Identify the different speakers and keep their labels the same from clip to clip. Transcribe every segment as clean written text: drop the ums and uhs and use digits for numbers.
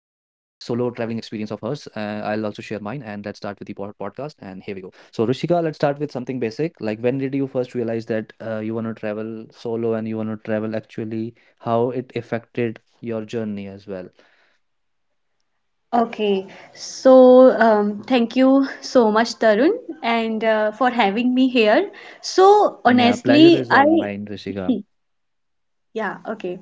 Speaker 1: share mine, and let's start with the po podcast. And here we go. So, Rishika, let's start with something basic. Like, when did you first realize that you wanna travel solo and you wanna travel actually? How it affected your journey as well?
Speaker 2: Okay, so thank you so much, Tarun, and for having me here. So
Speaker 1: Yeah, pleasure
Speaker 2: honestly,
Speaker 1: is all
Speaker 2: I
Speaker 1: mine, Rishika.
Speaker 2: Yeah, okay.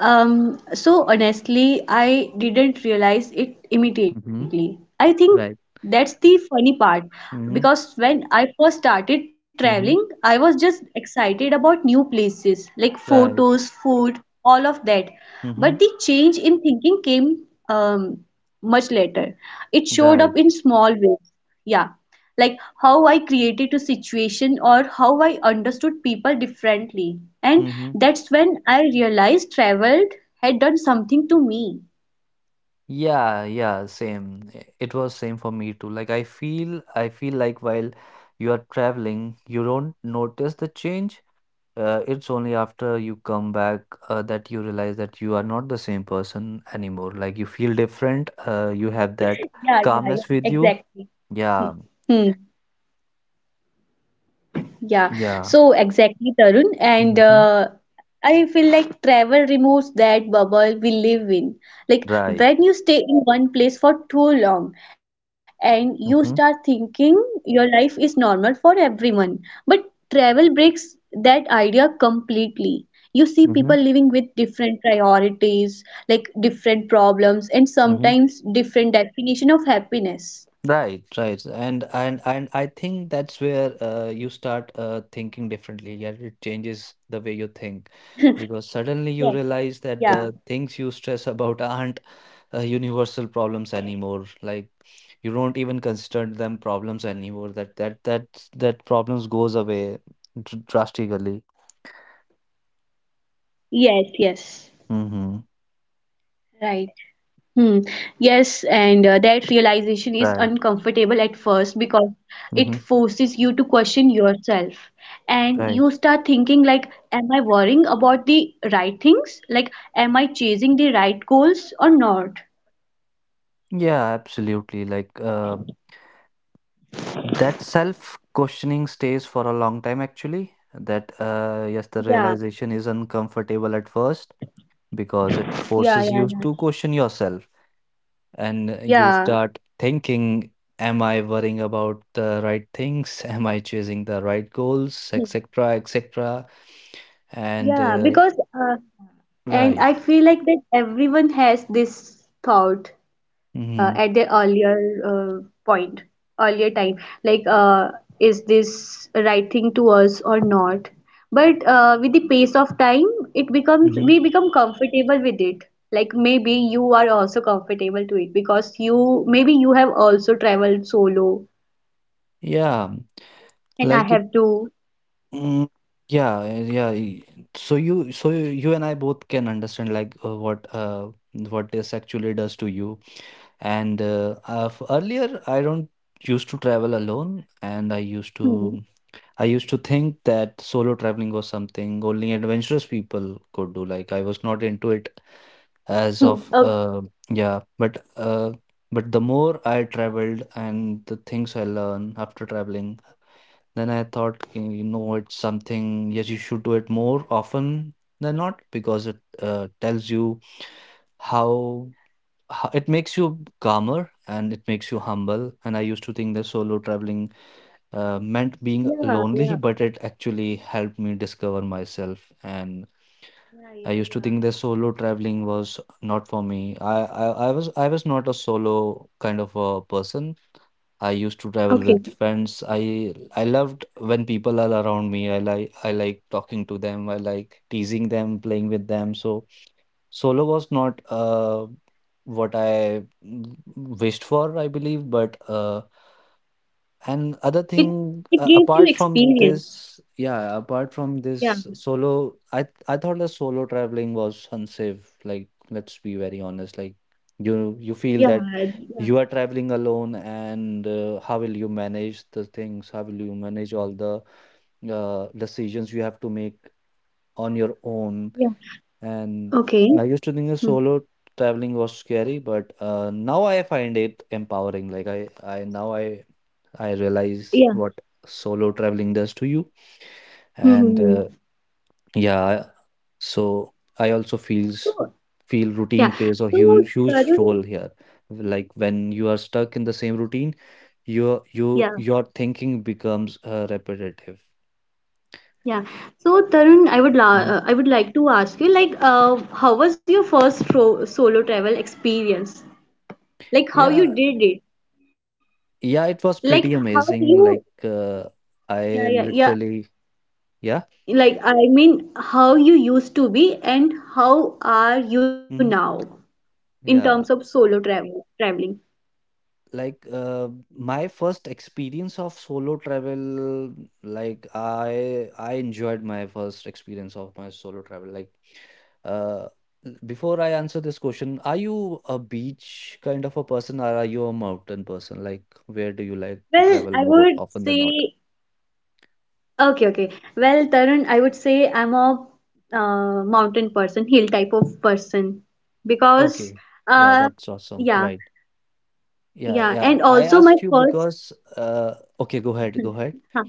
Speaker 2: So honestly, I didn't realize it
Speaker 1: Mm-hmm.
Speaker 2: immediately. I think
Speaker 1: Right.
Speaker 2: that's the funny part
Speaker 1: Mm-hmm.
Speaker 2: because when I first started
Speaker 1: Mm-hmm.
Speaker 2: traveling, I was just excited about new places, like
Speaker 1: Right.
Speaker 2: photos, food, all of that.
Speaker 1: Mm-hmm.
Speaker 2: But the change in thinking came much later. It showed up
Speaker 1: Right.
Speaker 2: in small ways. Yeah, like how I created a situation or how I understood people differently, and
Speaker 1: Mm-hmm.
Speaker 2: that's when I realized travel had done something to me.
Speaker 1: Yeah, yeah, same. It was same for me too. Like I feel like while you are traveling, you don't notice the change. It's only after you come back that you realize that you are not the same person anymore. Like you feel different. You have that
Speaker 2: Yeah, yeah, yeah,
Speaker 1: calmness with you.
Speaker 2: exactly.
Speaker 1: Yeah,
Speaker 2: Hmm. Yeah,
Speaker 1: yeah.
Speaker 2: so exactly, Tarun. And
Speaker 1: Hmm.
Speaker 2: I feel like travel removes that bubble we live in. Like
Speaker 1: Right.
Speaker 2: when you stay in one place for too long and you start
Speaker 1: Mm-hmm.
Speaker 2: thinking your life is normal for everyone. But travel breaks that idea completely. You see
Speaker 1: Mm-hmm.
Speaker 2: people living with different priorities, like different problems, and
Speaker 1: Mm-hmm.
Speaker 2: sometimes different definition of happiness.
Speaker 1: Right, right, and I think that's where you start thinking differently. Yeah, it changes the way you think
Speaker 2: Yes.
Speaker 1: because suddenly you
Speaker 2: Yeah.
Speaker 1: realize that the things you stress about aren't universal problems anymore. Like you don't even consider them problems anymore. That problems goes away drastically.
Speaker 2: Yes, yes.
Speaker 1: Mm-hmm.
Speaker 2: Right. Hmm. Yes, and that realization is
Speaker 1: Right.
Speaker 2: uncomfortable at first because it
Speaker 1: Mm-hmm.
Speaker 2: forces you to question yourself. And you
Speaker 1: Right.
Speaker 2: start thinking, like, am I worrying about the right things? Like, am I chasing the right goals or not?
Speaker 1: Yeah, absolutely. That self questioning stays for a long time, actually. That, yes, the
Speaker 2: Yeah,
Speaker 1: realization is uncomfortable at first because it forces
Speaker 2: yeah,
Speaker 1: you
Speaker 2: yeah,
Speaker 1: to
Speaker 2: yeah.
Speaker 1: question yourself and you
Speaker 2: Yeah.
Speaker 1: start thinking, am I worrying about the right things? Am I chasing the right goals?
Speaker 2: Hmm.
Speaker 1: etc. etc. And,
Speaker 2: Yeah,
Speaker 1: uh,
Speaker 2: because and
Speaker 1: right.
Speaker 2: I feel like that everyone has this thought
Speaker 1: Mm-hmm.
Speaker 2: at the earlier uh, point, earlier time, like, is this right thing to us or not? But with the pace of time, it becomes
Speaker 1: Mm-hmm.
Speaker 2: we become comfortable with it. Like maybe you are also comfortable to it because you maybe you have also traveled solo,
Speaker 1: Yeah.
Speaker 2: and I
Speaker 1: Like it.
Speaker 2: have to.
Speaker 1: Mm, yeah, eh, yeah. y- So you, you and I both can understand like what this actually does to you. Earlier, I don't used to travel alone, and
Speaker 2: Hmm.
Speaker 1: I used to think that solo traveling was something only adventurous people could do. Like I was not into it as
Speaker 2: Hmm.
Speaker 1: of
Speaker 2: Okay.
Speaker 1: yeah, but the more I traveled and the things I learn after traveling. Then I thought, "Okay, you know, it's something, yes, you should do it more often than not because it tells you how, how it makes you calmer and it makes you humble. And I used to think that solo traveling meant being
Speaker 2: Yeah,
Speaker 1: lonely,
Speaker 2: yeah,
Speaker 1: but it actually helped me discover myself. And
Speaker 2: yeah,
Speaker 1: I
Speaker 2: yeah,
Speaker 1: used to
Speaker 2: yeah.
Speaker 1: think that solo traveling was not for me. I was not a solo kind of a person. I used to travel
Speaker 2: Okay.
Speaker 1: with friends. I loved when people are around me. I like talking to them. I like teasing them, playing with them. So solo was not what I wished for, I believe, but and other
Speaker 2: It
Speaker 1: thing,
Speaker 2: it gives you
Speaker 1: apart from
Speaker 2: experience.
Speaker 1: this, yeah, apart from
Speaker 2: Yeah,
Speaker 1: this solo, I thought the solo traveling was unsafe. Like, let's be very honest. Like, you feel
Speaker 2: yeah,
Speaker 1: that
Speaker 2: yeah,
Speaker 1: you are traveling alone, and how will you manage the things? How will you manage all the decisions you have to make on your own?
Speaker 2: yeah.
Speaker 1: And
Speaker 2: Okay.
Speaker 1: I used to think the
Speaker 2: Hmm.
Speaker 1: solo traveling was scary, but now I find it empowering. Like, I now I realize
Speaker 2: Yeah.
Speaker 1: what solo traveling does to you. And
Speaker 2: Hmm.
Speaker 1: yeah, so I also
Speaker 2: So
Speaker 1: feel
Speaker 2: yeah.
Speaker 1: routine plays a
Speaker 2: So
Speaker 1: huge
Speaker 2: Tarun,
Speaker 1: role here. Like when you are stuck in the same routine,
Speaker 2: yeah,
Speaker 1: your thinking becomes repetitive.
Speaker 2: yeah. So Tarun, I would la
Speaker 1: Mhm.
Speaker 2: uh, I would like to ask you, like, how was your first tro solo travel experience? Like, how you
Speaker 1: Yeah,
Speaker 2: did it?
Speaker 1: yeah, it was
Speaker 2: Like,
Speaker 1: pretty
Speaker 2: how
Speaker 1: amazing.
Speaker 2: you?
Speaker 1: Like
Speaker 2: Yeah,
Speaker 1: I
Speaker 2: yeah, yeah.
Speaker 1: literally, yeah,
Speaker 2: Like, I mean, how you used to be and how are you now
Speaker 1: hmm
Speaker 2: in terms
Speaker 1: yeah.
Speaker 2: of solo traveling?
Speaker 1: like My first experience of solo travel, like I enjoyed my first experience of my solo travel. Uh Before I answer this question, are you a beach kind of a person or are you a mountain person? Like, where do you like to
Speaker 2: Well,
Speaker 1: travel
Speaker 2: I
Speaker 1: more
Speaker 2: would
Speaker 1: often than not?
Speaker 2: say. Okay, okay. Well, Tarun, I would say I'm a mountain person, hill type of person. Because
Speaker 1: Okay, yeah,
Speaker 2: uh
Speaker 1: that's awesome,
Speaker 2: yeah,
Speaker 1: right? Yeah,
Speaker 2: yeah,
Speaker 1: yeah,
Speaker 2: and
Speaker 1: I
Speaker 2: also my
Speaker 1: asked you
Speaker 2: first
Speaker 1: because uh, okay, go ahead, go ahead.
Speaker 2: huh,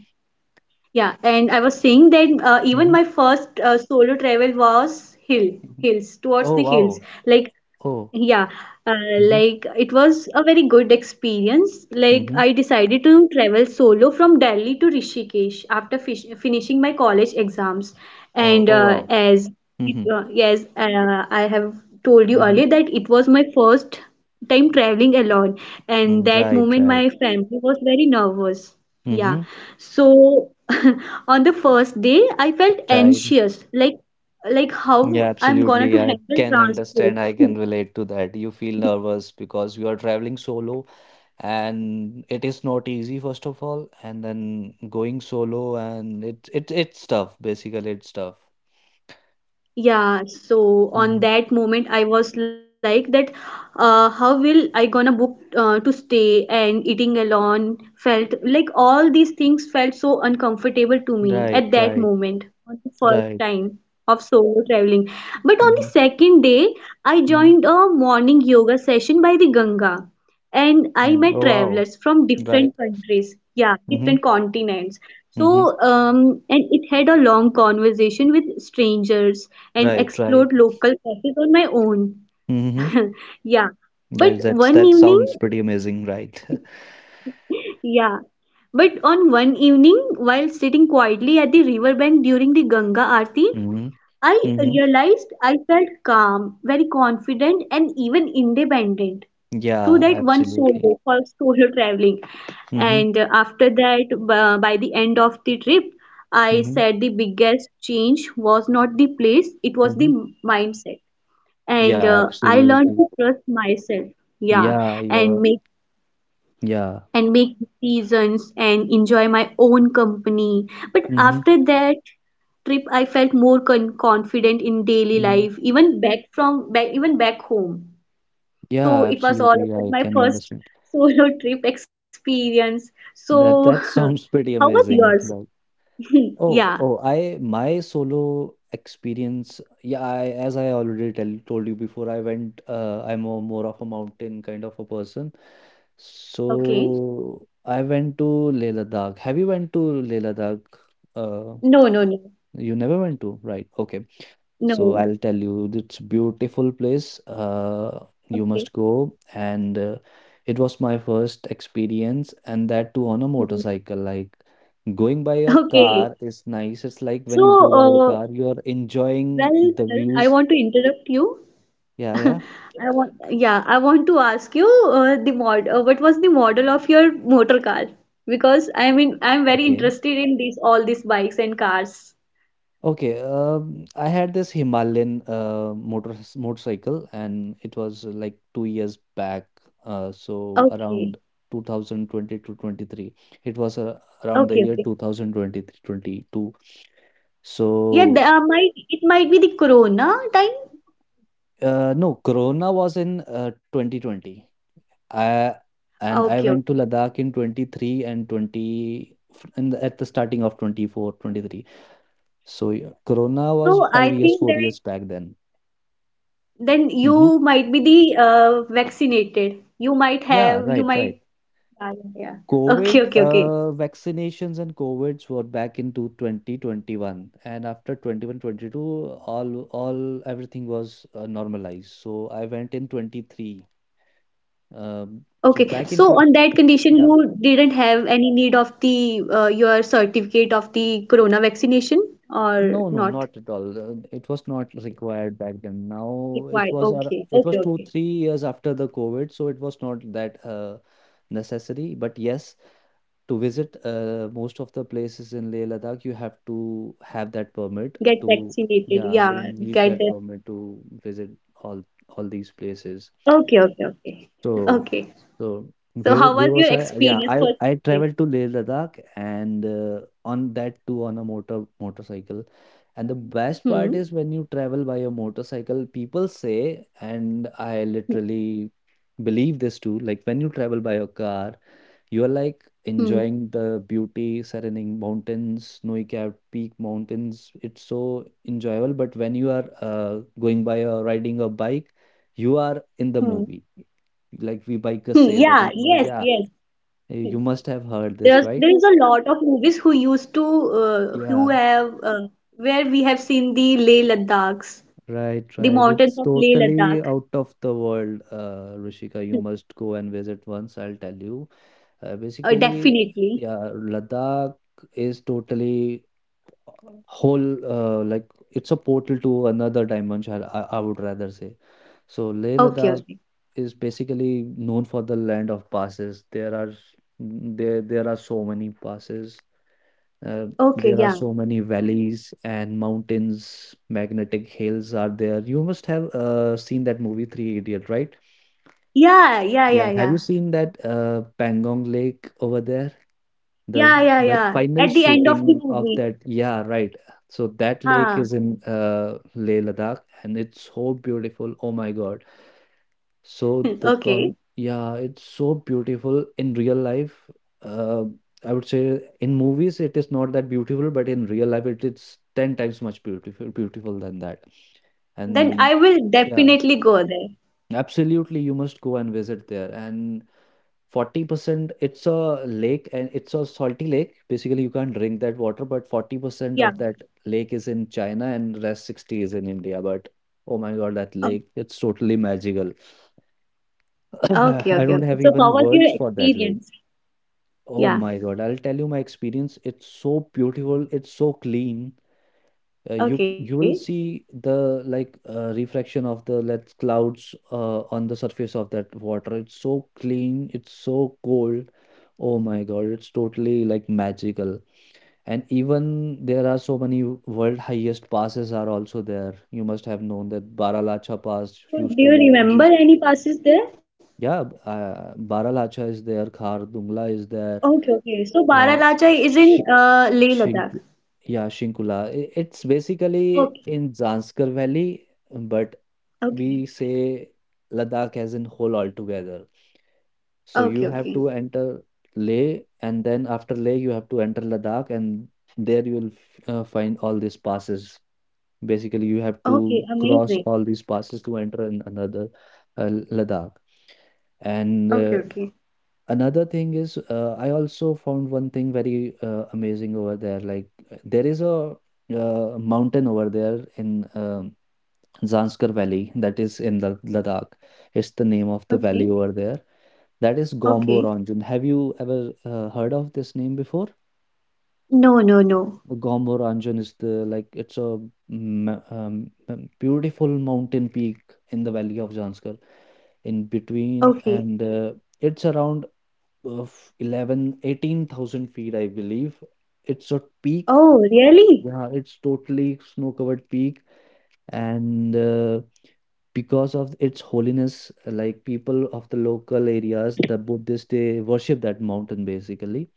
Speaker 2: yeah, and I was saying that even
Speaker 1: Mm-hmm.
Speaker 2: my first solo travel was hills towards
Speaker 1: Oh
Speaker 2: the hills.
Speaker 1: wow.
Speaker 2: Like.
Speaker 1: Oh.
Speaker 2: Yeah, uh,
Speaker 1: Mm-hmm.
Speaker 2: like it was a very good experience. Like
Speaker 1: Mm-hmm.
Speaker 2: I decided to travel solo from Delhi to Rishikesh after fish finishing my college exams.
Speaker 1: Oh,
Speaker 2: And
Speaker 1: oh wow.
Speaker 2: as yes, I have told you
Speaker 1: Mhm.
Speaker 2: earlier that it was my first time traveling alone, and
Speaker 1: Mm,
Speaker 2: that
Speaker 1: right,
Speaker 2: moment
Speaker 1: right.
Speaker 2: my family was very nervous. Yeah,
Speaker 1: Mhm.
Speaker 2: so on the first day I felt
Speaker 1: Right.
Speaker 2: anxious, like like
Speaker 1: Yeah,
Speaker 2: how I'm gonna to
Speaker 1: absolutely. I
Speaker 2: handle
Speaker 1: can understand.
Speaker 2: transport.
Speaker 1: I can relate to that. You feel nervous because you are traveling solo and it is not easy, first of all, and then going solo and it it's tough, basically it's tough.
Speaker 2: Yeah, so on
Speaker 1: Mhm.
Speaker 2: that moment I was like that, how will I gonna book to stay, and eating alone felt like all these things felt so uncomfortable to me
Speaker 1: Right,
Speaker 2: at that
Speaker 1: right,
Speaker 2: moment on the first
Speaker 1: right.
Speaker 2: time of solo traveling. But on the
Speaker 1: Mhm.
Speaker 2: second day I
Speaker 1: Mhm.
Speaker 2: joined a morning yoga session by the Ganga, and I
Speaker 1: Mm.
Speaker 2: met
Speaker 1: Oh wow.
Speaker 2: travelers from
Speaker 1: Right.
Speaker 2: different countries, yeah,
Speaker 1: Mhm.
Speaker 2: different continents.
Speaker 1: Mhm.
Speaker 2: So, and it had a long conversation with strangers and
Speaker 1: Right,
Speaker 2: explored
Speaker 1: right.
Speaker 2: local cafes on my own.
Speaker 1: Mhm.
Speaker 2: Yeah, but
Speaker 1: Right. That's
Speaker 2: one
Speaker 1: that
Speaker 2: evening,
Speaker 1: sounds pretty amazing, right?
Speaker 2: yeah, but on one evening, while sitting quietly at the riverbank during the Ganga Aarti,
Speaker 1: Mhm.
Speaker 2: I
Speaker 1: Mhm.
Speaker 2: realized I felt calm, very confident, and even independent through
Speaker 1: Yeah,
Speaker 2: that one
Speaker 1: absolutely.
Speaker 2: solo traveling.
Speaker 1: Mm-hmm.
Speaker 2: And after that, by the end of the trip, I
Speaker 1: Mm-hmm.
Speaker 2: said the biggest change was not the place, it was the
Speaker 1: Mm-hmm.
Speaker 2: mindset.
Speaker 1: Yeah,
Speaker 2: And I
Speaker 1: absolutely.
Speaker 2: learned to trust myself. Yeah,
Speaker 1: Yeah, yeah,
Speaker 2: and make
Speaker 1: yeah.
Speaker 2: and make decisions and enjoy my own company. But
Speaker 1: Mm-hmm.
Speaker 2: after that trip, I felt more confident in daily
Speaker 1: Mm-hmm.
Speaker 2: life, even back from back even back home.
Speaker 1: Yeah,
Speaker 2: So it was all
Speaker 1: absolutely. I
Speaker 2: about my
Speaker 1: can
Speaker 2: first
Speaker 1: understand.
Speaker 2: solo trip experience. So
Speaker 1: That that sounds
Speaker 2: how
Speaker 1: pretty
Speaker 2: was
Speaker 1: amazing.
Speaker 2: yours?
Speaker 1: Like, oh,
Speaker 2: Yeah.
Speaker 1: oh, I my solo experience. Yeah, I as I already tell told you before, I went. I'm a, more of a mountain kind of a person.
Speaker 2: Okay.
Speaker 1: So I went to Leh Ladakh. Have you went to Leh Ladakh? Uh,
Speaker 2: No, no, no,
Speaker 1: You never went to, right? Okay. So
Speaker 2: no.
Speaker 1: I'll tell you, it's beautiful place. You
Speaker 2: Okay.
Speaker 1: must go. And it was my first experience, and that too on a
Speaker 2: Hmm.
Speaker 1: motorcycle. Like going by a
Speaker 2: Okay.
Speaker 1: car is nice. It's like
Speaker 2: So,
Speaker 1: when you go by a
Speaker 2: well,
Speaker 1: car, you are enjoying the
Speaker 2: I
Speaker 1: views.
Speaker 2: want to interrupt you.
Speaker 1: Yeah, yeah.
Speaker 2: I want, to ask you, what was the model of your motor car? Because I mean, I'm very
Speaker 1: Okay.
Speaker 2: interested in these all these bikes and cars.
Speaker 1: Okay, I had this Himalayan motorcycle, and it was like 2 years back. So
Speaker 2: Okay,
Speaker 1: around 2020 to 23, it was
Speaker 2: okay,
Speaker 1: around the
Speaker 2: okay.
Speaker 1: year 2023 20 two.
Speaker 2: Yeah, the,
Speaker 1: So
Speaker 2: might it might be the Corona time.
Speaker 1: no, Corona was in 2020. I
Speaker 2: Okay, okay.
Speaker 1: I went to Ladakh in 23 and 20 f- in the, at the starting of 24 23. So yeah, Corona was
Speaker 2: So
Speaker 1: five
Speaker 2: I
Speaker 1: years,
Speaker 2: think
Speaker 1: four
Speaker 2: that
Speaker 1: years back then.
Speaker 2: then
Speaker 1: Mm-hmm.
Speaker 2: you might be the vaccinated. You might
Speaker 1: Yeah,
Speaker 2: have, you
Speaker 1: right, right.
Speaker 2: might. Yeah, yeah, yeah. Okay,
Speaker 1: COVID
Speaker 2: okay, okay.
Speaker 1: vaccinations and COVIDs were back into 2021, and after 21 22, all everything was normalized. So I went in 23. Um,
Speaker 2: Okay,
Speaker 1: so back
Speaker 2: so
Speaker 1: into
Speaker 2: on that condition,
Speaker 1: yeah,
Speaker 2: you didn't have any need of the your certificate of the corona vaccination or
Speaker 1: no, no,
Speaker 2: not
Speaker 1: not at all. It was not required back then. Now it
Speaker 2: required?
Speaker 1: was our
Speaker 2: Okay,
Speaker 1: it
Speaker 2: okay,
Speaker 1: was two,
Speaker 2: okay.
Speaker 1: 3 years after the COVID, so it was not that necessary. But yes, to visit most of the places in Leh Ladakh, you have to have that permit
Speaker 2: Get
Speaker 1: to,
Speaker 2: vaccinated.
Speaker 1: yeah, you
Speaker 2: Yeah,
Speaker 1: need
Speaker 2: get
Speaker 1: that
Speaker 2: that.
Speaker 1: permit to visit all all these places.
Speaker 2: Okay, okay, okay.
Speaker 1: So,
Speaker 2: Okay.
Speaker 1: so
Speaker 2: So how was
Speaker 1: where
Speaker 2: your
Speaker 1: was I? Yeah,
Speaker 2: experience,
Speaker 1: I
Speaker 2: first
Speaker 1: I
Speaker 2: trip?
Speaker 1: traveled to Leh Ladakh and on that too on a motorcycle. And the best part
Speaker 2: Hmm.
Speaker 1: is when you travel by a motorcycle, people say, and I
Speaker 2: Hmm.
Speaker 1: literally believe this too, like when you travel by your car, you are like
Speaker 2: Hmm.
Speaker 1: enjoying the beauty, surrounding mountains, snowy capped peak mountains. It's so enjoyable. But when you are going by or riding a bike, you are in the
Speaker 2: Hmm.
Speaker 1: movie. Like we bikers
Speaker 2: Hmm.
Speaker 1: say that.
Speaker 2: Yeah,
Speaker 1: And
Speaker 2: yes,
Speaker 1: yeah,
Speaker 2: yes. Hmm.
Speaker 1: you must have heard this,
Speaker 2: There's
Speaker 1: right?
Speaker 2: there is a lot of movies who used to who
Speaker 1: Yeah,
Speaker 2: have where we have seen the Leh Ladakhs,
Speaker 1: right,
Speaker 2: the
Speaker 1: right.
Speaker 2: mountains
Speaker 1: It's
Speaker 2: of Leh
Speaker 1: totally
Speaker 2: Ladakh.
Speaker 1: out of the world, Rishika. You must go and visit once, I'll tell you. Uh, basically,
Speaker 2: Definitely.
Speaker 1: yeah, Ladakh is totally whole like it's a portal to another dimension, I would rather say. So Leh
Speaker 2: Okay,
Speaker 1: Ladakh
Speaker 2: okay.
Speaker 1: is basically known for the land of passes. There are so many passes, uh,
Speaker 2: Okay,
Speaker 1: there are
Speaker 2: yeah.
Speaker 1: so many valleys and mountains, magnetic hills are there. You must have seen that movie Three Idiot, right?
Speaker 2: Yeah, yeah, yeah,
Speaker 1: Yeah, have you
Speaker 2: yeah.
Speaker 1: seen that Pangong Lake over there?
Speaker 2: Yeah, yeah,
Speaker 1: The
Speaker 2: yeah.
Speaker 1: final
Speaker 2: At the end of the
Speaker 1: shooting of
Speaker 2: movie.
Speaker 1: that, yeah, right. So that lake
Speaker 2: Huh.
Speaker 1: is in Leh Ladakh, and it's so beautiful. Oh my God!
Speaker 2: Okay.
Speaker 1: Yeah, it's so beautiful in real life. Uh, I would say in movies it is not that beautiful, but in real life it is ten times much beautiful than that.
Speaker 2: Then I
Speaker 1: And
Speaker 2: will
Speaker 1: yeah.
Speaker 2: definitely go there.
Speaker 1: Absolutely, you must go and visit there. And 40%, it's a lake and it's a salty lake. Basically, you can't drink that water, but 40%
Speaker 2: Yeah.
Speaker 1: of that lake is in China and rest 60 is in India. But oh my God, that
Speaker 2: Oh,
Speaker 1: lake, it's totally magical.
Speaker 2: okay,
Speaker 1: I
Speaker 2: okay,
Speaker 1: don't
Speaker 2: okay.
Speaker 1: have
Speaker 2: So how
Speaker 1: even
Speaker 2: was your
Speaker 1: words for that lake.
Speaker 2: experience?
Speaker 1: Oh
Speaker 2: Yeah.
Speaker 1: my God, I'll tell you my experience. It's so beautiful, it's so clean.
Speaker 2: Okay.
Speaker 1: You will see the like refraction of the let clouds on the surface of that water. It's so clean, it's so cold. Oh my God, it's totally like magical. And even there are so many world highest passes are also there. You must have known that Baralacha Pass
Speaker 2: So do
Speaker 1: used
Speaker 2: you
Speaker 1: to
Speaker 2: remember
Speaker 1: be,
Speaker 2: any passes there?
Speaker 1: yeah, Baralacha is there, khar dungla is there,
Speaker 2: Okay, okay. So
Speaker 1: yeah
Speaker 2: Baralachai is in, Leh
Speaker 1: Shink
Speaker 2: Ladakh.
Speaker 1: yeah, Shinkula. I It's basically
Speaker 2: Okay,
Speaker 1: in Zanskar Valley, but
Speaker 2: okay,
Speaker 1: we say Ladakh as in whole altogether. So you
Speaker 2: okay,
Speaker 1: have
Speaker 2: okay,
Speaker 1: to enter Leh, and then after Leh, you have to enter Ladakh, and there you will f find all these passes. Basically, you have
Speaker 2: okay.
Speaker 1: to cross
Speaker 2: Amazing.
Speaker 1: all these passes to enter in another Ladakh. And
Speaker 2: Okay, okay,
Speaker 1: another thing is I also found one thing very amazing over there, like there is a mountain over there in Zanskar Valley. That is in the Ladakh. It's the name of the valley
Speaker 2: okay,
Speaker 1: over there. That is
Speaker 2: okay.
Speaker 1: Gomboranjan. Have you ever heard of this name before?
Speaker 2: No, no, no.
Speaker 1: Gomboranjan is the, like, it's a ma- um, beautiful mountain peak in the valley of Zanskar, in between,
Speaker 2: Okay.
Speaker 1: and it's around of 11-18,000 feet, I believe. It's a peak.
Speaker 2: Oh, really?
Speaker 1: Yeah, it's totally snow covered peak. And because of its holiness, like people of the local areas, the Buddhists, they worship that mountain basically.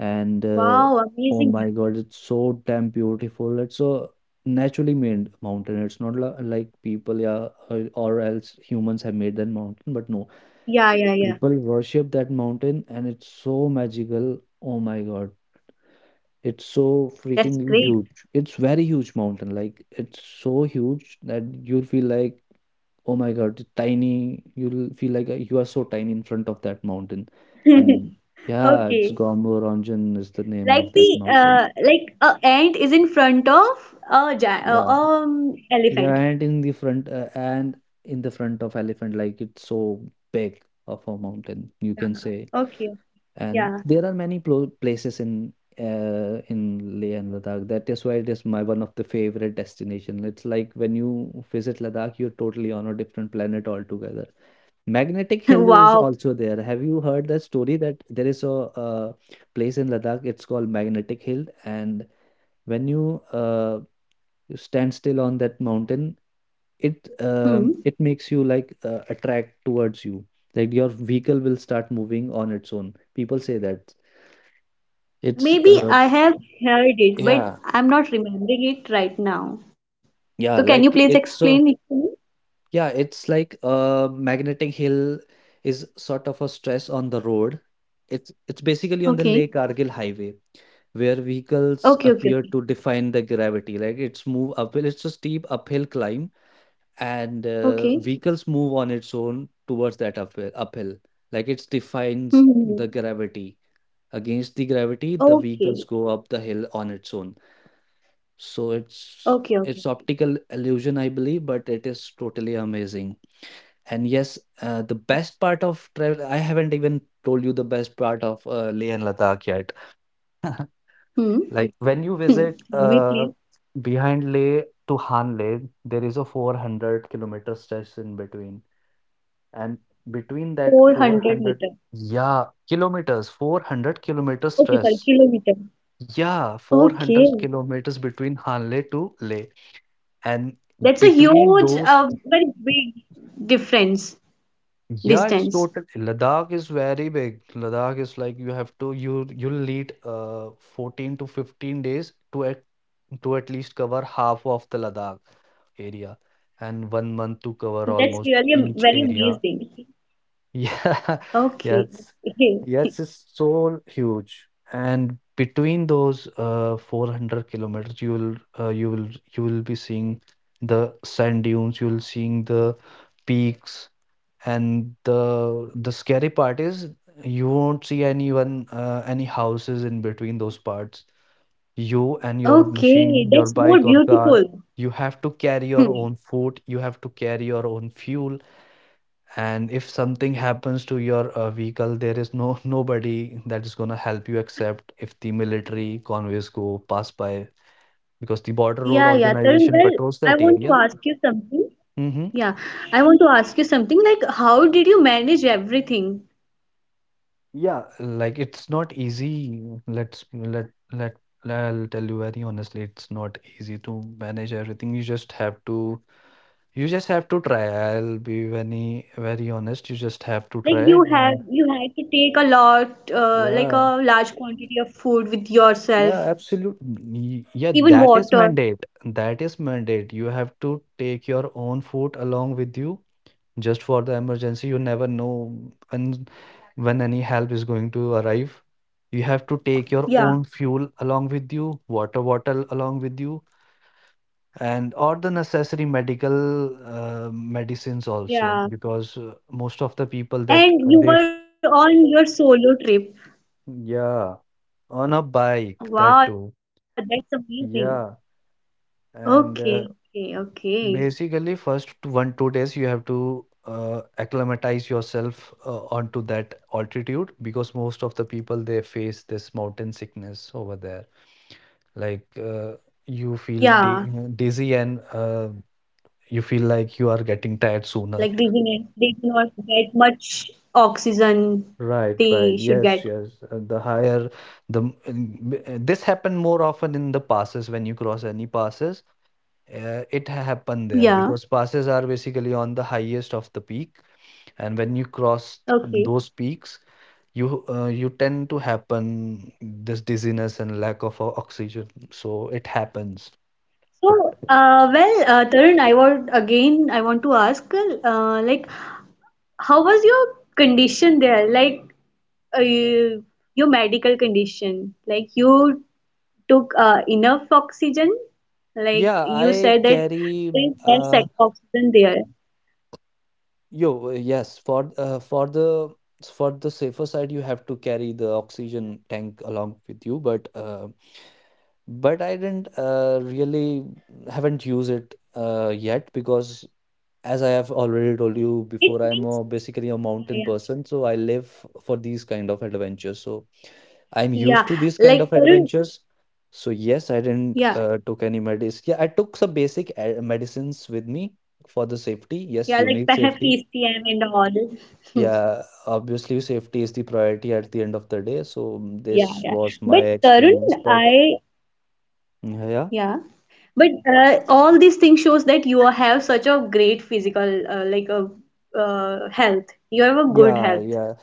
Speaker 1: And
Speaker 2: Wow,
Speaker 1: Oh
Speaker 2: amazing.
Speaker 1: my God, it's so damn beautiful. It's a naturally made mountain. It's not like people, yeah, or else humans have made that mountain, but no.
Speaker 2: Yeah, yeah, yeah, yeah.
Speaker 1: People worship that mountain and it's so magical. Oh my God. It's so
Speaker 2: That's
Speaker 1: freaking
Speaker 2: great.
Speaker 1: huge. It's very huge mountain. Like it's so huge that you'll feel like, oh my God, it's tiny. You'll feel like you are so tiny in front of that mountain. And yeah, it's
Speaker 2: Okay.
Speaker 1: Gomboranjan is the name
Speaker 2: Like
Speaker 1: of that
Speaker 2: the
Speaker 1: mountain.
Speaker 2: like a ant is in front of a
Speaker 1: Yeah. Yeah,
Speaker 2: elephant.
Speaker 1: and in the front and in the front of elephant, like it's so big of a mountain, you can say.
Speaker 2: Yeah. Okay.
Speaker 1: And
Speaker 2: Yeah.
Speaker 1: there are many places in Leh and Ladakh. That is why it is my one of the favorite destination. It's like when you visit Ladakh, you're totally on a different planet altogether. Magnetic Hill is
Speaker 2: Wow.
Speaker 1: also there. Have you heard that story that there is a, place in Ladakh? It's called Magnetic Hill, and when you you stand still on that mountain,
Speaker 2: Hmm.
Speaker 1: it makes you like attract towards you. Like your vehicle will start moving on its own. People say that it's
Speaker 2: Maybe I have heard it, but
Speaker 1: yeah,
Speaker 2: I'm not remembering it right now.
Speaker 1: yeah,
Speaker 2: So can you
Speaker 1: like
Speaker 2: please
Speaker 1: it's
Speaker 2: explain it to me?
Speaker 1: yeah, it's like magnetic hill is sort of a stress on the road. It's basically on the
Speaker 2: Okay.
Speaker 1: Leh Kargil highway where vehicles
Speaker 2: Okay, okay,
Speaker 1: appear
Speaker 2: okay.
Speaker 1: to define the gravity. Like it's move uphill, it's a steep uphill climb, and
Speaker 2: Okay.
Speaker 1: vehicles move on its own towards that uphill. Uphill, like it defines
Speaker 2: Hmm. Hmm,
Speaker 1: the
Speaker 2: hmm.
Speaker 1: gravity. Against the gravity, the vehicles
Speaker 2: Okay.
Speaker 1: go up the hill on its own. So it's
Speaker 2: Okay,
Speaker 1: it's
Speaker 2: okay.
Speaker 1: optical illusion, I believe, but it is totally amazing. And yes, the best part of travel, I haven't even told you the best part of Leh and Ladakh yet.
Speaker 2: Hmm.
Speaker 1: Like when you
Speaker 2: Hmm.
Speaker 1: visit
Speaker 2: Tell me, please.
Speaker 1: behind Leh to Han Leh, there is a 400-kilometer stretch in between. And between that
Speaker 2: 400
Speaker 1: 400,
Speaker 2: meter.
Speaker 1: yeah, kilometers, 400-kilometer
Speaker 2: Okay, sorry,
Speaker 1: stretch.
Speaker 2: kilometer.
Speaker 1: Yeah,
Speaker 2: Okay.
Speaker 1: 400 kilometers between Han Leh to Leh. And
Speaker 2: That's a
Speaker 1: between
Speaker 2: huge,
Speaker 1: those,
Speaker 2: very big
Speaker 1: yeah, it's
Speaker 2: distance.
Speaker 1: total. Ladakh is very big. Ladakh is like you you'll need 14 to 15 days to to at least cover half of the Ladakh area, and 1 month to cover
Speaker 2: That's really
Speaker 1: almost
Speaker 2: very
Speaker 1: each area.
Speaker 2: amazing.
Speaker 1: Yeah,
Speaker 2: Okay.
Speaker 1: yes,
Speaker 2: Okay,
Speaker 1: yes, it's so huge. And between those 400 kilometers, uh, you will you will be seeing the sand dunes. You'll seeing the peaks. And the scary part is you won't see anyone, any houses in between those parts. You and your machine,
Speaker 2: okay,
Speaker 1: your
Speaker 2: that's more
Speaker 1: bike or car,
Speaker 2: beautiful.
Speaker 1: you have to carry your
Speaker 2: Hmm.
Speaker 1: own food, you have to carry your own fuel, and if something happens to your vehicle, there is no nobody that is gonna help you except if the military convoys go pass by, because the border road
Speaker 2: Yeah, yeah. Tarun,
Speaker 1: organization
Speaker 2: well,
Speaker 1: patrols
Speaker 2: I
Speaker 1: that
Speaker 2: want to
Speaker 1: area.
Speaker 2: ask you something.
Speaker 1: Mm-hmm.
Speaker 2: Yeah, I want to ask you something, like how did you manage everything?
Speaker 1: Yeah, like it's not easy. Let's let let I'll tell you very honestly, it's not easy to manage everything. You just have to try. I'll be very very honest. You just have to
Speaker 2: Like you
Speaker 1: try
Speaker 2: have
Speaker 1: and
Speaker 2: you had to take a lot, like
Speaker 1: yeah,
Speaker 2: a large quantity of food with
Speaker 1: yeah,
Speaker 2: yourself.
Speaker 1: absolutely. Yeah,
Speaker 2: Even
Speaker 1: that is
Speaker 2: water.
Speaker 1: mandate. That is mandate. You have to take your own food along with you just for the emergency. You never know when when any help is going to arrive. You have to take your
Speaker 2: Yeah,
Speaker 1: own fuel along with you, water bottle along with you, and or the necessary medical medicines also,
Speaker 2: yeah.
Speaker 1: because most of the people that
Speaker 2: And you were on your solo trip.
Speaker 1: yeah, on a bike that
Speaker 2: Wow,
Speaker 1: too.
Speaker 2: that's amazing.
Speaker 1: Yeah,
Speaker 2: Okay,
Speaker 1: and
Speaker 2: okay, okay.
Speaker 1: basically, first one, 2 days you have to acclimatize yourself onto that altitude, because most of the people they face this mountain sickness over there. Like
Speaker 2: Yeah,
Speaker 1: you feel di dizzy, and you feel like you are
Speaker 2: like
Speaker 1: getting
Speaker 2: they
Speaker 1: tired
Speaker 2: didn't,
Speaker 1: sooner.
Speaker 2: they do not get much oxygen they
Speaker 1: Right,
Speaker 2: should
Speaker 1: right.
Speaker 2: get.
Speaker 1: Yes, yes. The higher the m- n- b- this happened more often in the passes when you cross any passes. It happened
Speaker 2: Yeah,
Speaker 1: there because passes are basically on the highest of the peak, and when you cross
Speaker 2: okay.
Speaker 1: those peaks you tend to happen this dizziness and lack of oxygen, so it happens. But
Speaker 2: So, well, Tarun, I want to ask, like, how was your condition there? Like, uh, your medical condition? Like, you took enough oxygen, like
Speaker 1: yeah,
Speaker 2: you
Speaker 1: I
Speaker 2: said that
Speaker 1: carry
Speaker 2: there is less
Speaker 1: uh
Speaker 2: oxygen there.
Speaker 1: yo yes, for for the safer side you have to carry the oxygen tank along with you, but I didn't really haven't used it yet, because as I have already told you
Speaker 2: It
Speaker 1: before, I'm
Speaker 2: means.
Speaker 1: a, basically a
Speaker 2: Yeah,
Speaker 1: mountain
Speaker 2: yeah,
Speaker 1: person, so I live for these kind of adventures. So I'm
Speaker 2: yeah.
Speaker 1: used to these kind
Speaker 2: Like,
Speaker 1: of
Speaker 2: Tarun,
Speaker 1: adventures. So yes, I didn't
Speaker 2: yeah,
Speaker 1: took any medicine. Yeah, I took some basic medicines with me for the safety. Yes, you
Speaker 2: yeah.
Speaker 1: need
Speaker 2: Like,
Speaker 1: safety.
Speaker 2: perhaps PCM and all.
Speaker 1: Yeah, obviously safety is the priority at the end of the day. So
Speaker 2: Yeah,
Speaker 1: this
Speaker 2: yeah,
Speaker 1: was my
Speaker 2: but Tarun,
Speaker 1: experience, but
Speaker 2: I
Speaker 1: yeah,
Speaker 2: yeah but all these things shows that you have such a great physical, like a health, you have a good
Speaker 1: yeah, yeah.
Speaker 2: health.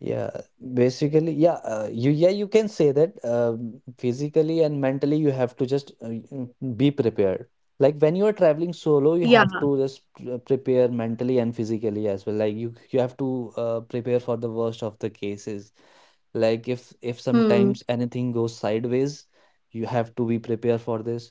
Speaker 1: Yeah, basically, yeah, you can say that physically and mentally you have to just be prepared. Like when you are traveling solo,
Speaker 2: Yeah.
Speaker 1: you have to just prepare mentally and physically as well. Like you have to prepare for the worst of the cases. Like if
Speaker 2: Hmm.
Speaker 1: sometimes anything goes sideways, you have to be prepared for this.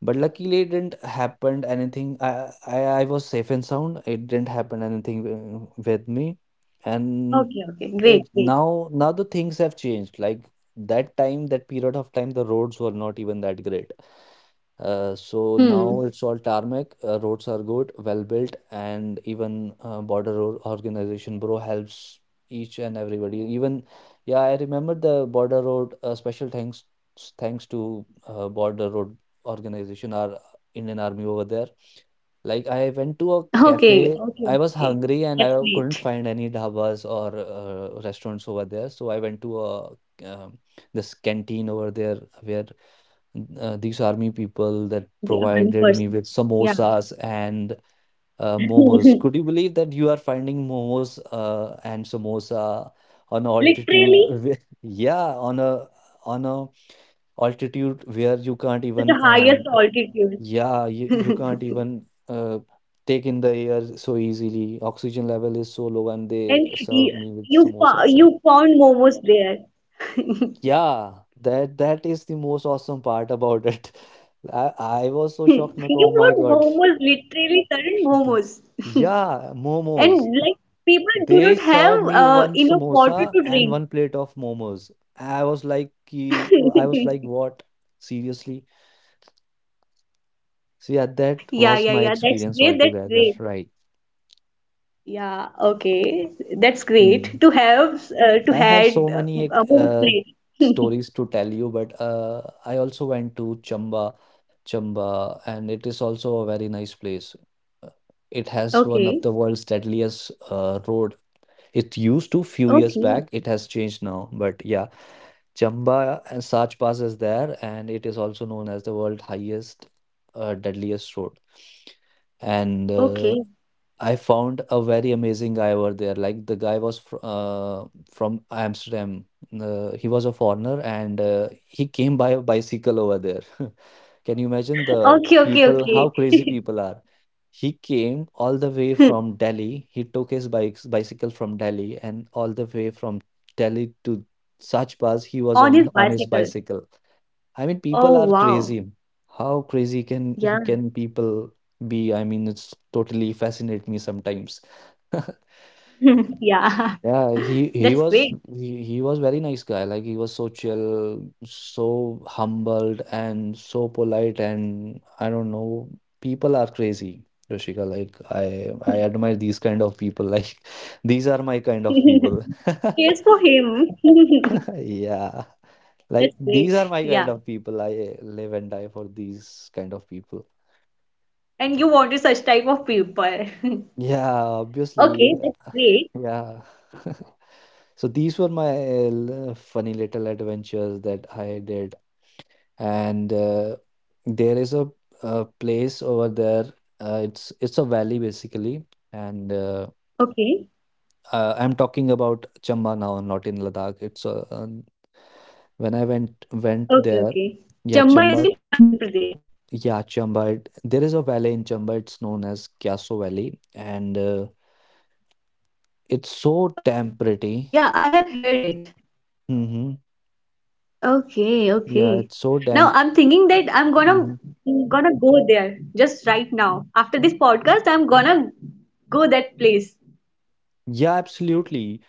Speaker 1: But luckily, it didn't happen anything. I was safe and sound. It didn't happen anything with me. And
Speaker 2: Okay, okay. Great,
Speaker 1: it
Speaker 2: great.
Speaker 1: Now the things have changed. Like that time, that period of time, the roads were not even that great, so now
Speaker 2: Hmm.
Speaker 1: it's all tarmac. Roads are good, well built, and even border Road organization, bro, helps each and everybody. Even Yeah, I remember the border road. Special thanks, to border road organization, our Indian army over there. Like I went to a
Speaker 2: Okay, okay,
Speaker 1: cafe. I
Speaker 2: okay.
Speaker 1: was hungry
Speaker 2: That's
Speaker 1: and I
Speaker 2: great.
Speaker 1: couldn't find any dhabas or restaurants over there. So I went to a um, this canteen over there where these army people that
Speaker 2: The army
Speaker 1: provided me
Speaker 2: person.
Speaker 1: with
Speaker 2: Yeah.
Speaker 1: samosas and momos. Could you believe that you are finding momos and samosa on altitude?
Speaker 2: Literally,
Speaker 1: Yeah, on a on a altitude where you can't
Speaker 2: such
Speaker 1: even
Speaker 2: a highest altitude.
Speaker 1: yeah, you can't even take in the air so easily. Oxygen level is so low, and they
Speaker 2: And
Speaker 1: served
Speaker 2: you,
Speaker 1: me with
Speaker 2: you, fo-
Speaker 1: samosas. And
Speaker 2: you found momos there.
Speaker 1: yeah, that is the most awesome part about it. I was so
Speaker 2: You
Speaker 1: shocked. Like, oh my
Speaker 2: found
Speaker 1: God.
Speaker 2: momos, literally certain momos.
Speaker 1: Yeah, momos.
Speaker 2: And like people do
Speaker 1: They
Speaker 2: not have
Speaker 1: served me one
Speaker 2: enough water
Speaker 1: samosa
Speaker 2: to
Speaker 1: and
Speaker 2: drink.
Speaker 1: one plate of momos. I was like, I was like, what? Seriously? So yeah, that
Speaker 2: Yeah,
Speaker 1: was
Speaker 2: yeah,
Speaker 1: my
Speaker 2: yeah. That's
Speaker 1: experience
Speaker 2: great. That's
Speaker 1: altogether,
Speaker 2: great.
Speaker 1: right?
Speaker 2: Yeah, okay. That's
Speaker 1: Hmm.
Speaker 2: great to
Speaker 1: I have so
Speaker 2: had
Speaker 1: many, like,
Speaker 2: a momos plate.
Speaker 1: stories to tell you, but I also went to Chamba, Chamba, and it is also a very nice place. Uh, It has one of the
Speaker 2: Okay,
Speaker 1: world's deadliest road. It used to few years back.
Speaker 2: okay.
Speaker 1: It has changed now, but yeah, Chamba and Sach Pass is there, and it is also known as the world highest, deadliest road. And
Speaker 2: Okay.
Speaker 1: I found a very amazing guy over there. Like the guy was fr from Amsterdam. He was a foreigner and he came by a bicycle over there. Can you imagine
Speaker 2: Okay,
Speaker 1: the
Speaker 2: okay, okay.
Speaker 1: people, how crazy people are? He came all the way from Delhi. He took his bikes, bicycle from Delhi and all the way from Delhi to Sach he was
Speaker 2: On his
Speaker 1: on his
Speaker 2: bicycle.
Speaker 1: bicycle. I mean,
Speaker 2: Oh,
Speaker 1: people are
Speaker 2: wow.
Speaker 1: crazy. How crazy can
Speaker 2: Yeah.
Speaker 1: can people be? I mean, it's totally fascinate me sometimes.
Speaker 2: Yeah.
Speaker 1: Yeah,
Speaker 2: That's great.
Speaker 1: he was very nice guy. Like he was so chill, so humbled, and so polite. And I don't know, people are crazy, Yoshika. Like I admire these kind of people. Like these are my kind of people.
Speaker 2: Cheers for him.
Speaker 1: Yeah.
Speaker 2: That's
Speaker 1: Like these are
Speaker 2: great.
Speaker 1: my kind
Speaker 2: Yeah.
Speaker 1: of people. I live and die for these kind of people.
Speaker 2: And you wanted such type of people.
Speaker 1: Yeah,
Speaker 2: Okay,
Speaker 1: obviously.
Speaker 2: that's
Speaker 1: uh,
Speaker 2: great.
Speaker 1: Yeah. So these were my funny little adventures that I did. And There is a place over there. It's a valley basically, and
Speaker 2: Okay.
Speaker 1: I'm talking about Chamba now, not in Ladakh. It's
Speaker 2: Okay,
Speaker 1: When I
Speaker 2: okay. Chamba is in
Speaker 1: went there.
Speaker 2: Himachal Pradesh.
Speaker 1: Yeah, Chamba. Yeah, Chamba. It, there is a valley in Chamba. It's known as Kyaso Valley, and
Speaker 2: Okay. Yeah,
Speaker 1: it's
Speaker 2: I have
Speaker 1: so
Speaker 2: heard
Speaker 1: damn
Speaker 2: it.
Speaker 1: pretty. hmm
Speaker 2: Okay, okay. Now I'm thinking that
Speaker 1: Yeah, it's
Speaker 2: I'm
Speaker 1: so
Speaker 2: gonna
Speaker 1: damn.
Speaker 2: gonna go there
Speaker 1: mhm.
Speaker 2: just right now. After this podcast, I'm gonna go that place.
Speaker 1: Yeah,
Speaker 2: And
Speaker 1: absolutely.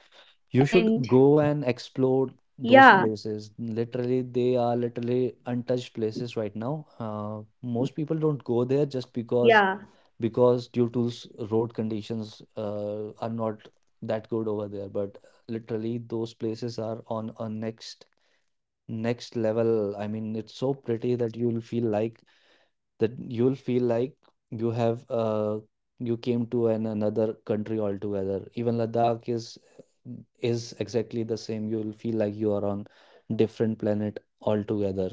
Speaker 1: You should go and
Speaker 2: yeah,
Speaker 1: explore those places. Literally, they are literally untouched places right now. Most people don't go
Speaker 2: yeah.
Speaker 1: there just because due to road conditions are not that good over there. But literally, those places are on a next
Speaker 2: But they are for,
Speaker 1: next
Speaker 2: for
Speaker 1: level. I mean,
Speaker 2: travelers.
Speaker 1: it's so pretty that
Speaker 2: Like those who want to who wants to
Speaker 1: you'll
Speaker 2: travel,
Speaker 1: feel
Speaker 2: they
Speaker 1: like
Speaker 2: do not
Speaker 1: you have
Speaker 2: think much about the
Speaker 1: you came
Speaker 2: condition of
Speaker 1: to
Speaker 2: the
Speaker 1: an
Speaker 2: roads,
Speaker 1: another
Speaker 2: like
Speaker 1: country
Speaker 2: how,
Speaker 1: altogether. Even
Speaker 2: what
Speaker 1: Ladakh
Speaker 2: is the
Speaker 1: is
Speaker 2: condition of the road.
Speaker 1: is exactly the same. You'll feel like you are on
Speaker 2: And I think
Speaker 1: different
Speaker 2: that is
Speaker 1: planet
Speaker 2: the good
Speaker 1: altogether.
Speaker 2: part.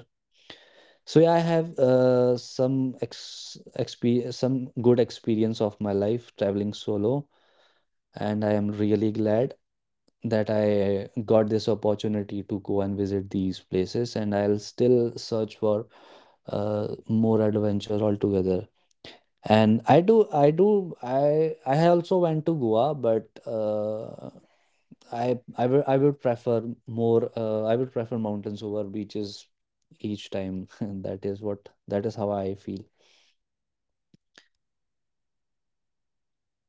Speaker 1: So yeah, I
Speaker 2: And
Speaker 1: have some
Speaker 2: also
Speaker 1: ex exp some good experience of my life
Speaker 2: And
Speaker 1: traveling
Speaker 2: I
Speaker 1: solo,
Speaker 2: now you have told
Speaker 1: and I
Speaker 2: me
Speaker 1: am
Speaker 2: a lot
Speaker 1: really
Speaker 2: about the
Speaker 1: glad
Speaker 2: Chamba
Speaker 1: that
Speaker 2: and
Speaker 1: I
Speaker 2: about the
Speaker 1: got this
Speaker 2: Ladakh, that
Speaker 1: opportunity to
Speaker 2: how
Speaker 1: go and
Speaker 2: you have
Speaker 1: visit these
Speaker 2: traveled all
Speaker 1: places, and I'll
Speaker 2: alone, and
Speaker 1: still
Speaker 2: also you
Speaker 1: search
Speaker 2: have
Speaker 1: for
Speaker 2: met the Amsterdam,
Speaker 1: more adventure
Speaker 2: like you have
Speaker 1: altogether.
Speaker 2: met the met a guy
Speaker 1: And
Speaker 2: who
Speaker 1: I
Speaker 2: was
Speaker 1: do, I
Speaker 2: from
Speaker 1: do,
Speaker 2: the Amsterdam.
Speaker 1: I also went to Goa,
Speaker 2: So
Speaker 1: but
Speaker 2: I'm thinking ki so
Speaker 1: I
Speaker 2: now
Speaker 1: would
Speaker 2: I'm
Speaker 1: prefer
Speaker 2: thinking that
Speaker 1: more. I would prefer
Speaker 2: I'm
Speaker 1: mountains
Speaker 2: also
Speaker 1: over
Speaker 2: gonna
Speaker 1: beaches
Speaker 2: travel, and now
Speaker 1: each time.
Speaker 2: I'm
Speaker 1: And
Speaker 2: also
Speaker 1: that is
Speaker 2: gonna
Speaker 1: how I feel.
Speaker 2: like, I'm also gonna go there.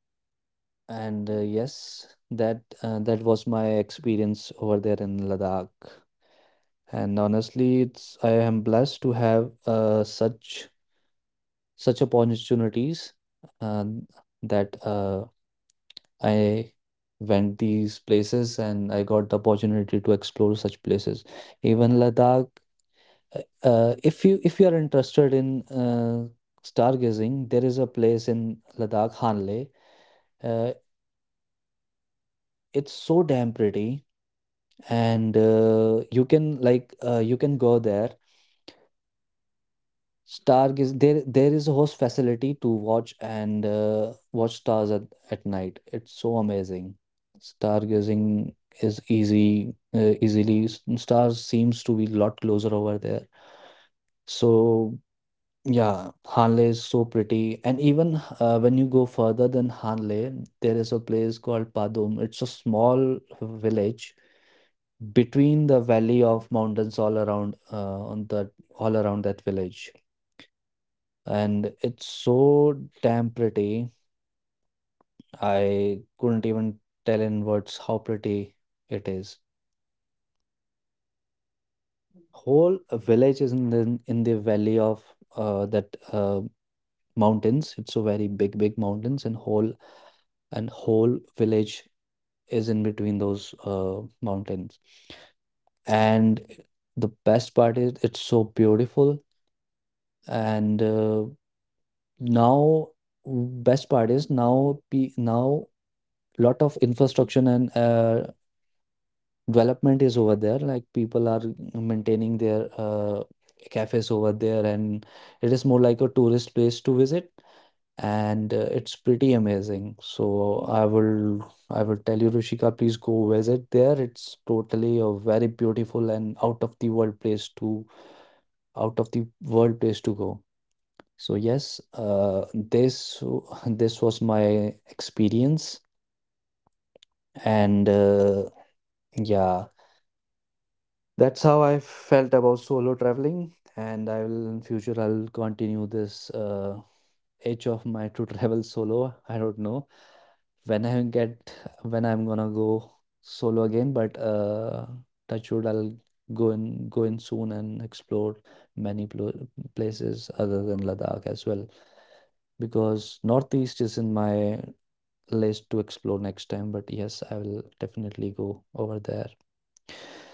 Speaker 2: Like, I want
Speaker 1: And
Speaker 2: to
Speaker 1: yes,
Speaker 2: go, like,
Speaker 1: that
Speaker 2: I
Speaker 1: was
Speaker 2: have
Speaker 1: my
Speaker 2: done my solo
Speaker 1: experience
Speaker 2: travel
Speaker 1: over
Speaker 2: to
Speaker 1: there in
Speaker 2: Rishikesh,
Speaker 1: Ladakh.
Speaker 2: but now I'm going
Speaker 1: And
Speaker 2: to go
Speaker 1: honestly,
Speaker 2: solo
Speaker 1: it's I
Speaker 2: travel
Speaker 1: am
Speaker 2: in
Speaker 1: blessed to
Speaker 2: Leh
Speaker 1: have
Speaker 2: Ladakh. Might it
Speaker 1: such
Speaker 2: might be not possible to
Speaker 1: such
Speaker 2: go in Leh
Speaker 1: opportunities
Speaker 2: Ladakh
Speaker 1: uh,
Speaker 2: because I had to
Speaker 1: that
Speaker 2: need, uh, like I have
Speaker 1: I
Speaker 2: to need a
Speaker 1: went
Speaker 2: bicycle,
Speaker 1: these
Speaker 2: not a
Speaker 1: places and I
Speaker 2: bicycle,
Speaker 1: got the
Speaker 2: bike,
Speaker 1: opportunity to
Speaker 2: but
Speaker 1: explore
Speaker 2: uh,
Speaker 1: such places.
Speaker 2: yeah, okay, but
Speaker 1: Even
Speaker 2: I will
Speaker 1: Ladakh,
Speaker 2: definitely go
Speaker 1: uh,
Speaker 2: there. But
Speaker 1: if
Speaker 2: apart
Speaker 1: you if
Speaker 2: from
Speaker 1: you
Speaker 2: it,
Speaker 1: are
Speaker 2: as
Speaker 1: interested
Speaker 2: you have
Speaker 1: in
Speaker 2: told me about the Chamba,
Speaker 1: stargazing, there
Speaker 2: now
Speaker 1: is a
Speaker 2: I
Speaker 1: place in
Speaker 2: definitely go
Speaker 1: Ladakh,
Speaker 2: there.
Speaker 1: Hanle. Uh,
Speaker 2: So, yeah, it's
Speaker 1: it's
Speaker 2: great.
Speaker 1: so damn pretty,
Speaker 2: Uh,
Speaker 1: and
Speaker 2: well,
Speaker 1: you
Speaker 2: another
Speaker 1: can
Speaker 2: thing
Speaker 1: you
Speaker 2: travel
Speaker 1: can go there
Speaker 2: teaches is independence. Well,
Speaker 1: stargaze. There is a host facility
Speaker 2: it's a
Speaker 1: to
Speaker 2: great
Speaker 1: watch
Speaker 2: thing.
Speaker 1: and watch stars
Speaker 2: Like
Speaker 1: at
Speaker 2: when
Speaker 1: night.
Speaker 2: you are
Speaker 1: It's so
Speaker 2: traveling
Speaker 1: amazing.
Speaker 2: and especially
Speaker 1: Stargazing
Speaker 2: without
Speaker 1: is
Speaker 2: family, you make decision
Speaker 1: easily. Stars seems
Speaker 2: constantly.
Speaker 1: to be a lot
Speaker 2: Even
Speaker 1: closer over
Speaker 2: small
Speaker 1: there.
Speaker 2: decision builds self trust.
Speaker 1: So
Speaker 2: You realize you can
Speaker 1: yeah,
Speaker 2: handle
Speaker 1: Hanle is so
Speaker 2: things,
Speaker 1: pretty. And
Speaker 2: and
Speaker 1: even when you go
Speaker 2: once you
Speaker 1: further than
Speaker 2: trust yourself,
Speaker 1: Hanle,
Speaker 2: your
Speaker 1: there is a place
Speaker 2: confidence
Speaker 1: called Padum.
Speaker 2: increases
Speaker 1: It's a
Speaker 2: naturally,
Speaker 1: small
Speaker 2: and
Speaker 1: village
Speaker 2: uh,
Speaker 1: between the
Speaker 2: exactly
Speaker 1: valley of
Speaker 2: that
Speaker 1: mountains all
Speaker 2: confidence
Speaker 1: around
Speaker 2: doesn't come from motivation
Speaker 1: that
Speaker 2: videos, it
Speaker 1: village
Speaker 2: comes from experience.
Speaker 1: and
Speaker 2: Like
Speaker 1: it's
Speaker 2: you have earlier
Speaker 1: so
Speaker 2: told me
Speaker 1: damn
Speaker 2: that you
Speaker 1: pretty.
Speaker 2: have experience, like you have
Speaker 1: I couldn't
Speaker 2: experienced,
Speaker 1: even
Speaker 2: like
Speaker 1: tell
Speaker 2: you
Speaker 1: in
Speaker 2: have the
Speaker 1: words how
Speaker 2: experience of
Speaker 1: pretty
Speaker 2: solo
Speaker 1: it is.
Speaker 2: travel, and you have also the uh,
Speaker 1: Whole
Speaker 2: like
Speaker 1: village is in
Speaker 2: experience
Speaker 1: the
Speaker 2: of
Speaker 1: in the valley of
Speaker 2: with group
Speaker 1: that
Speaker 2: with your groups. So
Speaker 1: mountains. It's so very big, big mountains, and
Speaker 2: this type of confidence
Speaker 1: whole
Speaker 2: has
Speaker 1: village
Speaker 2: come from
Speaker 1: is in
Speaker 2: the
Speaker 1: between those mountains.
Speaker 2: like your
Speaker 1: And
Speaker 2: experience, not
Speaker 1: the
Speaker 2: from the
Speaker 1: best part is it's so
Speaker 2: motivation
Speaker 1: beautiful.
Speaker 2: videos which we used to
Speaker 1: And
Speaker 2: uh, which we
Speaker 1: now,
Speaker 2: used to
Speaker 1: best part
Speaker 2: see,
Speaker 1: is
Speaker 2: like
Speaker 1: now
Speaker 2: watch in our YouTube
Speaker 1: lot of
Speaker 2: videos.
Speaker 1: infrastructure and
Speaker 2: Like we do not watch it from there.
Speaker 1: development
Speaker 2: Like
Speaker 1: is
Speaker 2: we
Speaker 1: over
Speaker 2: do
Speaker 1: there
Speaker 2: not
Speaker 1: like
Speaker 2: get the
Speaker 1: people are
Speaker 2: motivation from
Speaker 1: maintaining
Speaker 2: that
Speaker 1: their
Speaker 2: videos. Uh,
Speaker 1: cafes over
Speaker 2: in real
Speaker 1: there
Speaker 2: life,
Speaker 1: and
Speaker 2: this
Speaker 1: it is
Speaker 2: type
Speaker 1: more
Speaker 2: of
Speaker 1: like a tourist
Speaker 2: motivation
Speaker 1: place to
Speaker 2: comes
Speaker 1: visit
Speaker 2: from experience. So
Speaker 1: and it's
Speaker 2: like
Speaker 1: pretty
Speaker 2: meeting
Speaker 1: amazing.
Speaker 2: people while
Speaker 1: So
Speaker 2: traveling
Speaker 1: i
Speaker 2: also
Speaker 1: will
Speaker 2: changes how
Speaker 1: i will
Speaker 2: you
Speaker 1: tell you,
Speaker 2: see the
Speaker 1: Rushika,
Speaker 2: world,
Speaker 1: please go visit there. It's totally a
Speaker 2: like
Speaker 1: very beautiful and
Speaker 2: completely. You meet stranger who
Speaker 1: out of the
Speaker 2: help you
Speaker 1: world
Speaker 2: without
Speaker 1: place to go.
Speaker 2: expectation anything.
Speaker 1: So
Speaker 2: Like
Speaker 1: yes,
Speaker 2: if you have the need of anything,
Speaker 1: this
Speaker 2: like
Speaker 1: this was
Speaker 2: you
Speaker 1: my
Speaker 2: told me that
Speaker 1: experience
Speaker 2: like you were hungry at leh
Speaker 1: and
Speaker 2: ladakh, but you didn't find
Speaker 1: yeah,
Speaker 2: anything like a restaurant, then you
Speaker 1: that's how
Speaker 2: sudden
Speaker 1: I
Speaker 2: got the
Speaker 1: felt about solo
Speaker 2: then you
Speaker 1: traveling,
Speaker 2: sudden
Speaker 1: and I will in future
Speaker 2: find
Speaker 1: I'll
Speaker 2: the
Speaker 1: continue this
Speaker 2: canteen of
Speaker 1: itch of mine to
Speaker 2: those
Speaker 1: travel
Speaker 2: army
Speaker 1: solo.
Speaker 2: members,
Speaker 1: I don't
Speaker 2: then you
Speaker 1: know
Speaker 2: got the
Speaker 1: when I
Speaker 2: plate of
Speaker 1: get
Speaker 2: momos.
Speaker 1: when I'm
Speaker 2: And
Speaker 1: gonna
Speaker 2: even
Speaker 1: go
Speaker 2: people are
Speaker 1: solo again, but
Speaker 2: like
Speaker 1: touch
Speaker 2: people
Speaker 1: wood,
Speaker 2: were
Speaker 1: I'll
Speaker 2: finding off,
Speaker 1: go in soon
Speaker 2: like
Speaker 1: and
Speaker 2: people were
Speaker 1: explore
Speaker 2: finding the
Speaker 1: many plo- places
Speaker 2: like
Speaker 1: other than
Speaker 2: water
Speaker 1: Ladakh
Speaker 2: to
Speaker 1: as well
Speaker 2: drink, and you were
Speaker 1: because
Speaker 2: enjoying your
Speaker 1: Northeast is in my
Speaker 2: momos. and
Speaker 1: list
Speaker 2: uh,
Speaker 1: to
Speaker 2: that
Speaker 1: explore
Speaker 2: thing,
Speaker 1: next
Speaker 2: that
Speaker 1: time.
Speaker 2: thing
Speaker 1: But yes,
Speaker 2: was
Speaker 1: I will
Speaker 2: really
Speaker 1: definitely
Speaker 2: very
Speaker 1: go over there.
Speaker 2: nice to you.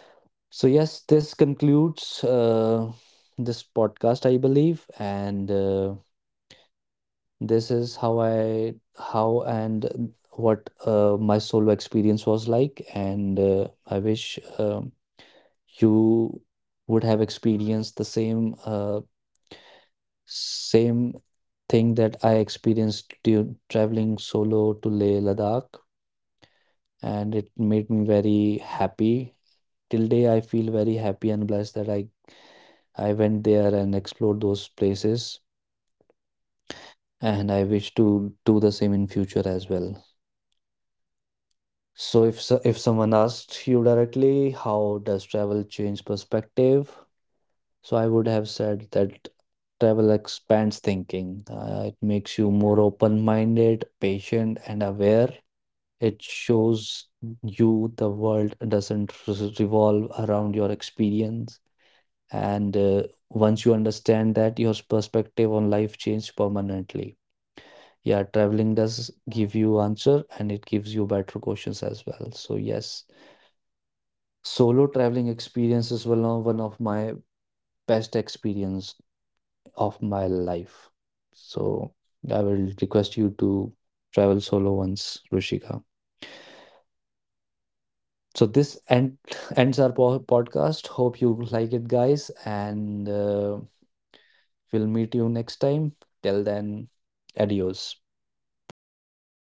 Speaker 1: So,
Speaker 2: That thing
Speaker 1: yes,
Speaker 2: has
Speaker 1: this
Speaker 2: done very
Speaker 1: concludes
Speaker 2: nice to you.
Speaker 1: this
Speaker 2: And yeah,
Speaker 1: podcast, I
Speaker 2: completely.
Speaker 1: believe, and
Speaker 2: You met that stranger who helped you
Speaker 1: this
Speaker 2: without
Speaker 1: is how
Speaker 2: expecting
Speaker 1: I
Speaker 2: anything back.
Speaker 1: how
Speaker 2: And that
Speaker 1: and what
Speaker 2: restores your
Speaker 1: my solo
Speaker 2: faith in
Speaker 1: experience was
Speaker 2: people,
Speaker 1: like,
Speaker 2: and
Speaker 1: and
Speaker 2: it
Speaker 1: I
Speaker 2: also
Speaker 1: wish
Speaker 2: makes you more open and friendly
Speaker 1: you
Speaker 2: in
Speaker 1: would have
Speaker 2: general.
Speaker 1: experienced the
Speaker 2: And also it
Speaker 1: same
Speaker 2: also
Speaker 1: thing
Speaker 2: breaks
Speaker 1: that I
Speaker 2: stereotypes. Like
Speaker 1: experienced
Speaker 2: there are so many
Speaker 1: traveling
Speaker 2: stereotypes in our
Speaker 1: solo to Leh
Speaker 2: society where
Speaker 1: Ladakh,
Speaker 2: the people where
Speaker 1: and
Speaker 2: the
Speaker 1: it
Speaker 2: four
Speaker 1: made me
Speaker 2: people
Speaker 1: very
Speaker 2: in our
Speaker 1: happy.
Speaker 2: society used
Speaker 1: Till
Speaker 2: to say
Speaker 1: day, I
Speaker 2: that
Speaker 1: feel
Speaker 2: you do
Speaker 1: very
Speaker 2: not
Speaker 1: happy
Speaker 2: have
Speaker 1: and
Speaker 2: to do
Speaker 1: blessed that
Speaker 2: this solo travel.
Speaker 1: I went
Speaker 2: So
Speaker 1: there and
Speaker 2: yeah.
Speaker 1: explored those
Speaker 2: And
Speaker 1: places,
Speaker 2: once you actually interact with people from
Speaker 1: and I wish
Speaker 2: different
Speaker 1: to do the
Speaker 2: cultures,
Speaker 1: same in
Speaker 2: like
Speaker 1: future as well.
Speaker 2: assumption disappears, so you start
Speaker 1: So
Speaker 2: seeing
Speaker 1: if someone
Speaker 2: individuals,
Speaker 1: asked you directly,
Speaker 2: not
Speaker 1: how does
Speaker 2: labels.
Speaker 1: travel change
Speaker 2: So
Speaker 1: perspective?
Speaker 2: yeah,
Speaker 1: So I would have said that
Speaker 2: something I
Speaker 1: travel
Speaker 2: find
Speaker 1: expands
Speaker 2: interesting is
Speaker 1: thinking.
Speaker 2: how
Speaker 1: It
Speaker 2: travel
Speaker 1: makes you
Speaker 2: affects
Speaker 1: more
Speaker 2: identity. Like
Speaker 1: open-minded,
Speaker 2: because
Speaker 1: patient, and
Speaker 2: when you
Speaker 1: aware.
Speaker 2: travel, nobody
Speaker 1: It
Speaker 2: knows your
Speaker 1: shows
Speaker 2: background. Like
Speaker 1: you the
Speaker 2: there is no
Speaker 1: world
Speaker 2: one who will
Speaker 1: doesn't
Speaker 2: gonna judge you.
Speaker 1: revolve
Speaker 2: So
Speaker 1: around your
Speaker 2: you're not defined
Speaker 1: experience,
Speaker 2: by marks,
Speaker 1: and
Speaker 2: jobs or
Speaker 1: once you
Speaker 2: status.
Speaker 1: understand
Speaker 2: You
Speaker 1: that,
Speaker 2: are
Speaker 1: your
Speaker 2: just a
Speaker 1: perspective on
Speaker 2: person.
Speaker 1: life changes
Speaker 2: That
Speaker 1: permanently.
Speaker 2: freedom helps you
Speaker 1: Yeah, traveling
Speaker 2: understand who
Speaker 1: does give
Speaker 2: you
Speaker 1: you
Speaker 2: are
Speaker 1: answer and
Speaker 2: without
Speaker 1: it gives you
Speaker 2: pressure,
Speaker 1: better questions as
Speaker 2: and
Speaker 1: well. So
Speaker 2: that's
Speaker 1: yes,
Speaker 2: actually very free.
Speaker 1: solo traveling
Speaker 2: So,
Speaker 1: experience is
Speaker 2: yeah,
Speaker 1: one
Speaker 2: travel
Speaker 1: of
Speaker 2: doesn't
Speaker 1: my
Speaker 2: give you answer.
Speaker 1: best
Speaker 2: It gives you a better
Speaker 1: experience
Speaker 2: question, that why
Speaker 1: of my
Speaker 2: you do
Speaker 1: life.
Speaker 2: have to
Speaker 1: So I will
Speaker 2: travel
Speaker 1: request you to travel solo
Speaker 2: with the
Speaker 1: once, Rushika.
Speaker 2: uh, like like this
Speaker 1: So
Speaker 2: travel
Speaker 1: this
Speaker 2: gives
Speaker 1: end
Speaker 2: you
Speaker 1: ends our podcast.
Speaker 2: answer.
Speaker 1: Hope you like it, guys,
Speaker 2: This
Speaker 1: and
Speaker 2: travel doesn't give you answer. It
Speaker 1: we'll
Speaker 2: gives you
Speaker 1: meet you
Speaker 2: better
Speaker 1: next time.
Speaker 2: question.
Speaker 1: Till
Speaker 2: Like why
Speaker 1: then,
Speaker 2: do why you
Speaker 1: adios.
Speaker 2: do have to do travel all